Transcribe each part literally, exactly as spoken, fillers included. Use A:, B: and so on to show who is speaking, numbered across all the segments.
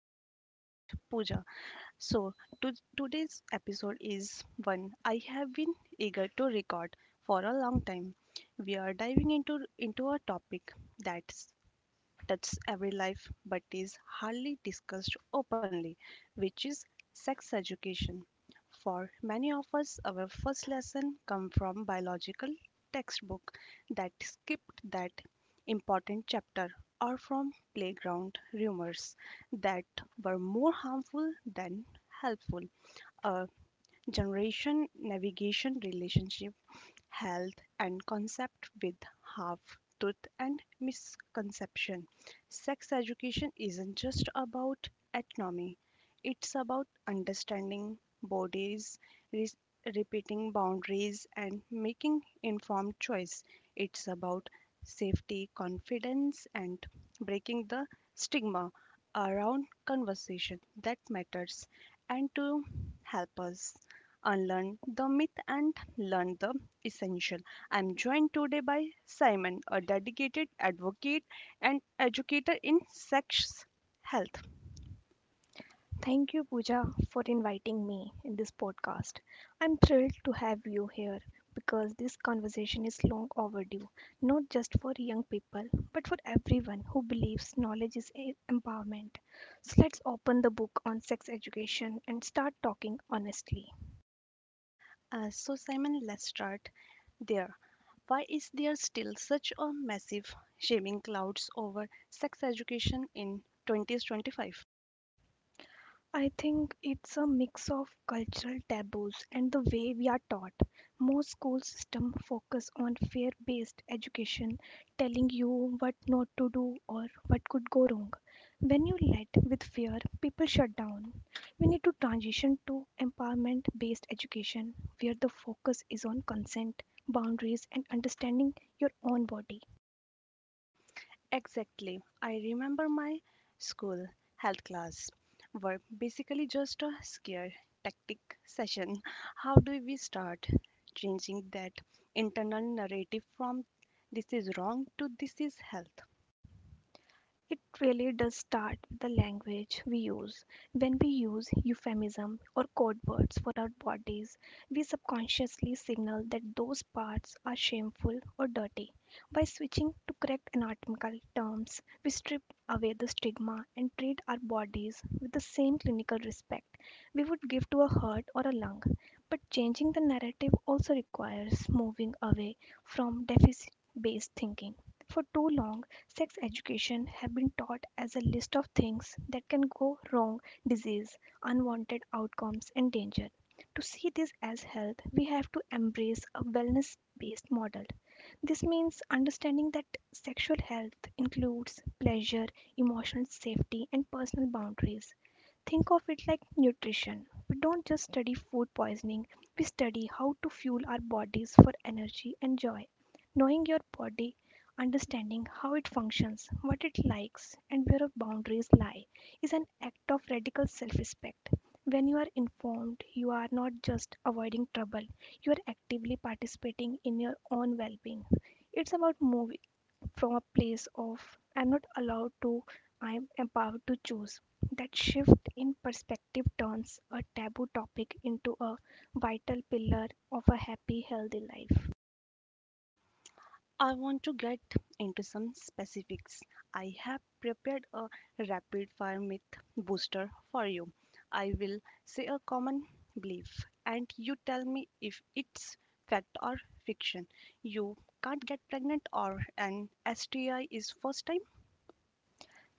A: I'm your host Pooja. So, to, today's episode is one I have been eager to record for a long time. We are diving into into a topic that touches every life but is hardly discussed openly, which is sex education. For many of us, our first lesson come from biological textbook that skipped that important chapter or from playground rumors that were more harmful than helpful. A generation navigation relationship health and concept with half truth and misconception. Sex education isn't just about anatomy, it's about understanding bodies, re- repeating boundaries, and making informed choice. It's about safety, confidence, and breaking the stigma around conversation that matters and to help us unlearn the myth and learn the essential. I'm joined today by Simon, a dedicated advocate and educator in sex health.
B: Thank you, Pooja, for inviting me in this podcast. I'm thrilled to have you here because this conversation is long overdue, not just for young people, but for everyone who believes knowledge is e- empowerment. So let's open the book on sex education and start talking honestly.
A: Uh, so, Simon, let's start there. Why is there still such a massive shaming clouds over sex education in twenty twenty-five?
B: I think it's a mix of cultural taboos and the way we are taught. Most school systems focus on fear-based education, telling you what not to do or what could go wrong. When you lead with fear, people shut down. We need to transition to empowerment-based education, where the focus is on consent, boundaries, and understanding your own body.
A: Exactly. I remember my school health class were basically just a scare tactic session. How do we start changing that internal narrative from this is wrong to this is health?
B: It really does start with the language we use. When we use euphemism or code words for our bodies, we subconsciously signal that those parts are shameful or dirty. By switching to correct anatomical terms, we strip away the stigma and treat our bodies with the same clinical respect we would give to a heart or a lung. But changing the narrative also requires moving away from deficit based thinking. For too long, sex education have been taught as a list of things that can go wrong, disease, unwanted outcomes and danger. To see this as health, we have to embrace a wellness based model. This means understanding that sexual health includes pleasure, emotional safety, and personal boundaries. Think of it like nutrition. We don't just study food poisoning, we study how to fuel our bodies for energy and joy. Knowing your body, understanding how it functions, what it likes, and where our boundaries lie is an act of radical self respect. When you are informed, you are not just avoiding trouble, you are actively participating in your own well being. It's about moving from a place of I'm not allowed to, I'm empowered to choose. That shift in perspective turns a taboo topic into a vital pillar of a happy, healthy life.
A: I want to get into some specifics. I have prepared a rapid fire myth booster for you. I will say a common belief and you tell me if it's fact or fiction. You can't get pregnant or an S T I is first time.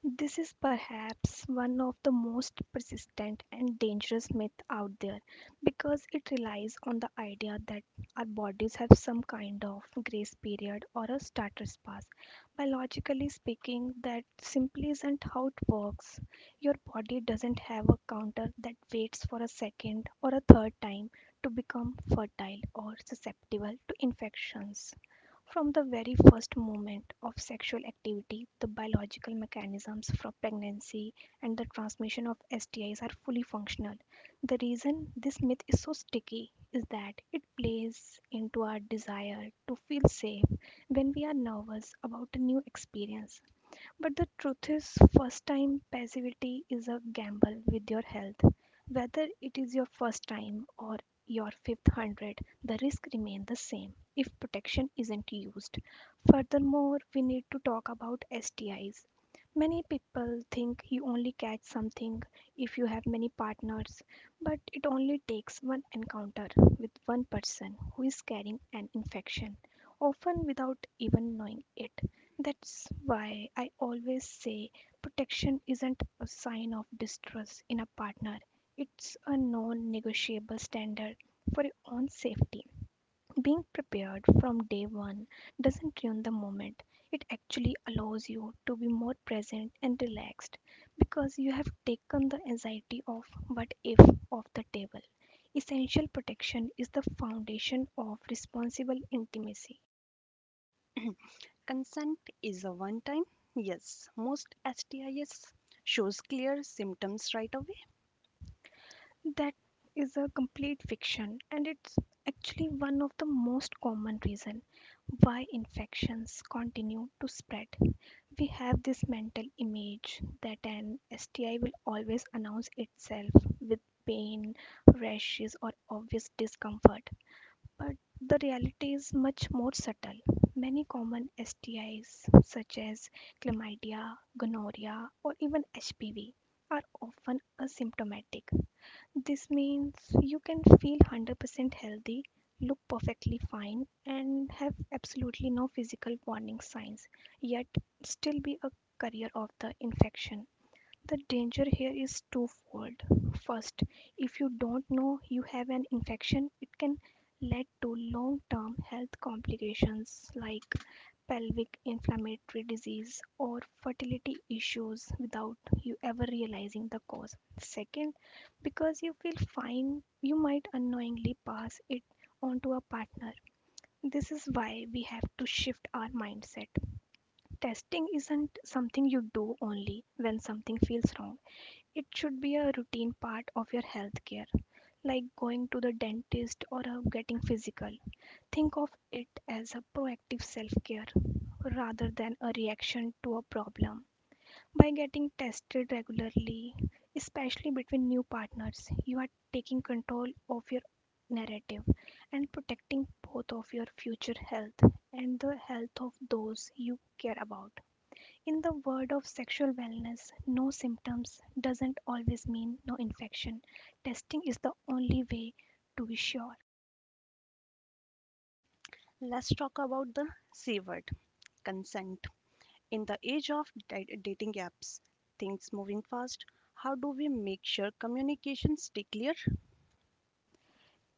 B: This is perhaps one of the most persistent and dangerous myths out there because it relies on the idea that our bodies have some kind of grace period or a starter's pass. Biologically speaking, that simply isn't how it works. Your body doesn't have a counter that waits for a second or a third time to become fertile or susceptible to infections. From the very first moment of sexual activity, the biological mechanisms from pregnancy and the transmission of S T Is are fully functional. The reason this myth is so sticky is that it plays into our desire to feel safe when we are nervous about a new experience. But the truth is, first time passivity is a gamble with your health. Whether it is your first time or your fifth hundred, the risk remains the same if protection isn't used. Furthermore, we need to talk about S T Is. Many people think you only catch something if you have many partners, but it only takes one encounter with one person who is carrying an infection, often without even knowing it. That's why I always say protection isn't a sign of distrust in a partner. It's a non negotiable standard for your own safety. Being prepared from day one doesn't ruin the moment. It actually allows you to be more present and relaxed because you have taken the anxiety of what if off the table. Essential protection is the foundation of responsible intimacy.
A: Consent is a one time. Yes, most S T Is shows clear symptoms right away.
B: That is a complete fiction, and it's actually one of the most common reason why infections continue to spread. We have this mental image that an S T I will always announce itself with pain, rashes, or obvious discomfort. But the reality is much more subtle. Many common S T Is, such as chlamydia, gonorrhea, or even H P V, are often asymptomatic. This means you can feel one hundred percent healthy, look perfectly fine, and have absolutely no physical warning signs, yet still be a carrier of the infection. The danger here is twofold. First, if you don't know you have an infection, it can lead to long term health complications like pelvic inflammatory disease or fertility issues without you ever realizing the cause. Second, because you feel fine, you might unknowingly pass it on to a partner. This is why we have to shift our mindset. Testing isn't something you do only when something feels wrong. It should be a routine part of your health care, like going to the dentist or uh, getting physical. Think of it as a proactive self care rather than a reaction to a problem. By getting tested regularly, especially between new partners, you are taking control of your narrative and protecting both of your future health and the health of those you care about. In the world of sexual wellness, no symptoms doesn't always mean no infection. Testing is the only way to be sure.
A: Let's talk about the C word consent. In the age of di- dating apps, things moving fast, how do we make sure communication stay clear?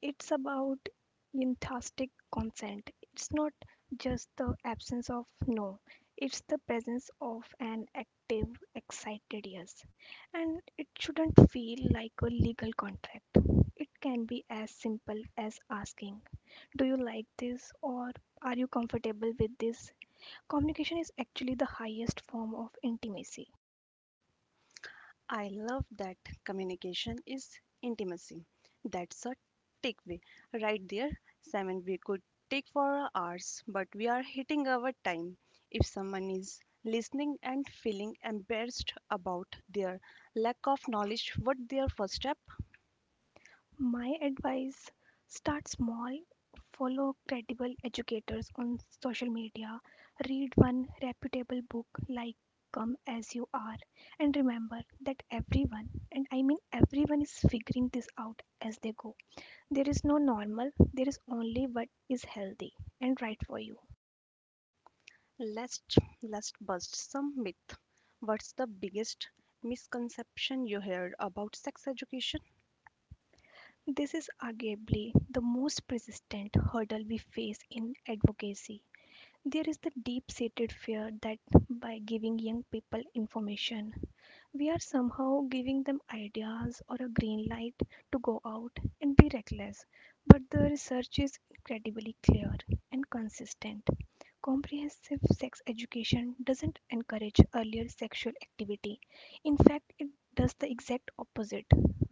B: It's about enthusiastic consent. It's not just the absence of no, it's the presence of an active, excited yes. And it shouldn't feel like a legal contract. It can be as simple as asking, do you like this? Or are you comfortable with this? Communication is actually the highest form of intimacy.
A: I love that communication is intimacy. That's a takeaway right there. Simon, we could take for hours, but we are hitting our time. If someone is listening and feeling embarrassed about their lack of knowledge, what their first step?
B: My advice, start small, follow credible educators on social media, read one reputable book like Come As You Are, and remember that everyone, and I mean everyone, is figuring this out as they go. There is no normal, there is only what is healthy and right for you.
A: Let's let's bust some myth. What's the biggest misconception you heard about sex education?
B: This is arguably the most persistent hurdle we face in advocacy. There is the deep seated fear that by giving young people information, we are somehow giving them ideas or a green light to go out and be reckless. But the research is incredibly clear and consistent. Comprehensive sex education doesn't encourage earlier sexual activity. In fact, it does the exact opposite.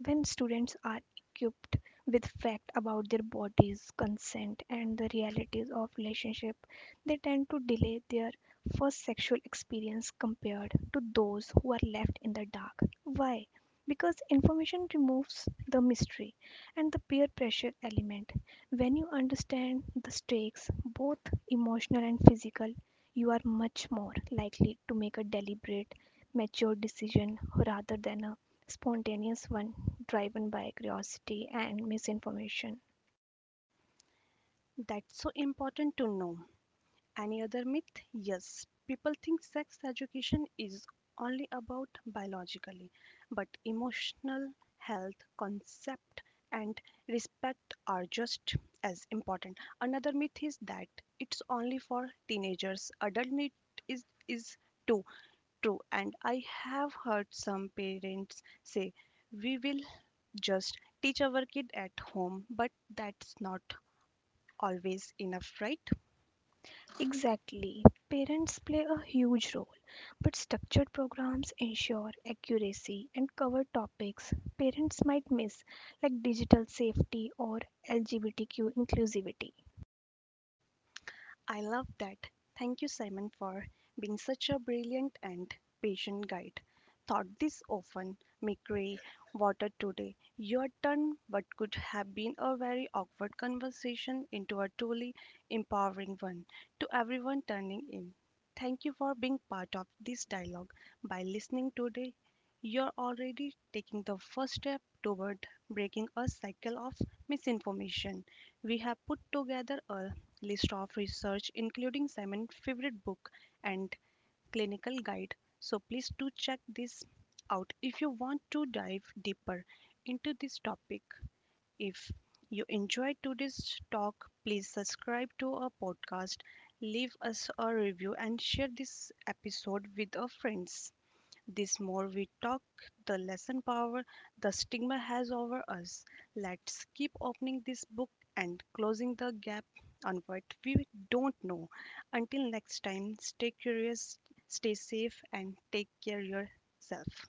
B: When students are equipped with facts about their bodies, consent, and the realities of relationship, they tend to delay their first sexual experience compared to those who are left in the dark. Why? Because information removes the mystery and the peer pressure element. When you understand the stakes, both emotional and physical, you are much more likely to make a deliberate, mature decision rather than a spontaneous one driven by curiosity and misinformation.
A: That's so important to know. Any other myth? Yes, people think sex education is only about biologically, but emotional health concept and respect are just as important. Another myth is that it's only for teenagers. Adult need is is too True, and I have heard some parents say, we will just teach our kid at home, but that's not always enough, right?
B: Exactly. Parents play a huge role, but structured programs ensure accuracy and cover topics parents might miss, like digital safety or L G B T Q inclusivity.
A: I love that. Thank you, Simon, for being such a brilliant and patient guide. Thought this often may gray water today. Your turn, what could have been a very awkward conversation into a truly empowering one to everyone turning in. Thank you for being part of this dialogue. By listening today, you're already taking the first step toward breaking a cycle of misinformation. We have put together a list of research, including Simon's favorite book and clinical guide. So please do check this out if you want to dive deeper into this topic. If you enjoyed today's talk, please subscribe to our podcast, leave us a review, and share this episode with our friends. This more we talk, the lesson power the stigma has over us. Let's keep opening this book and closing the gap on what we don't know. Until next time, stay curious, stay safe, and take care yourself.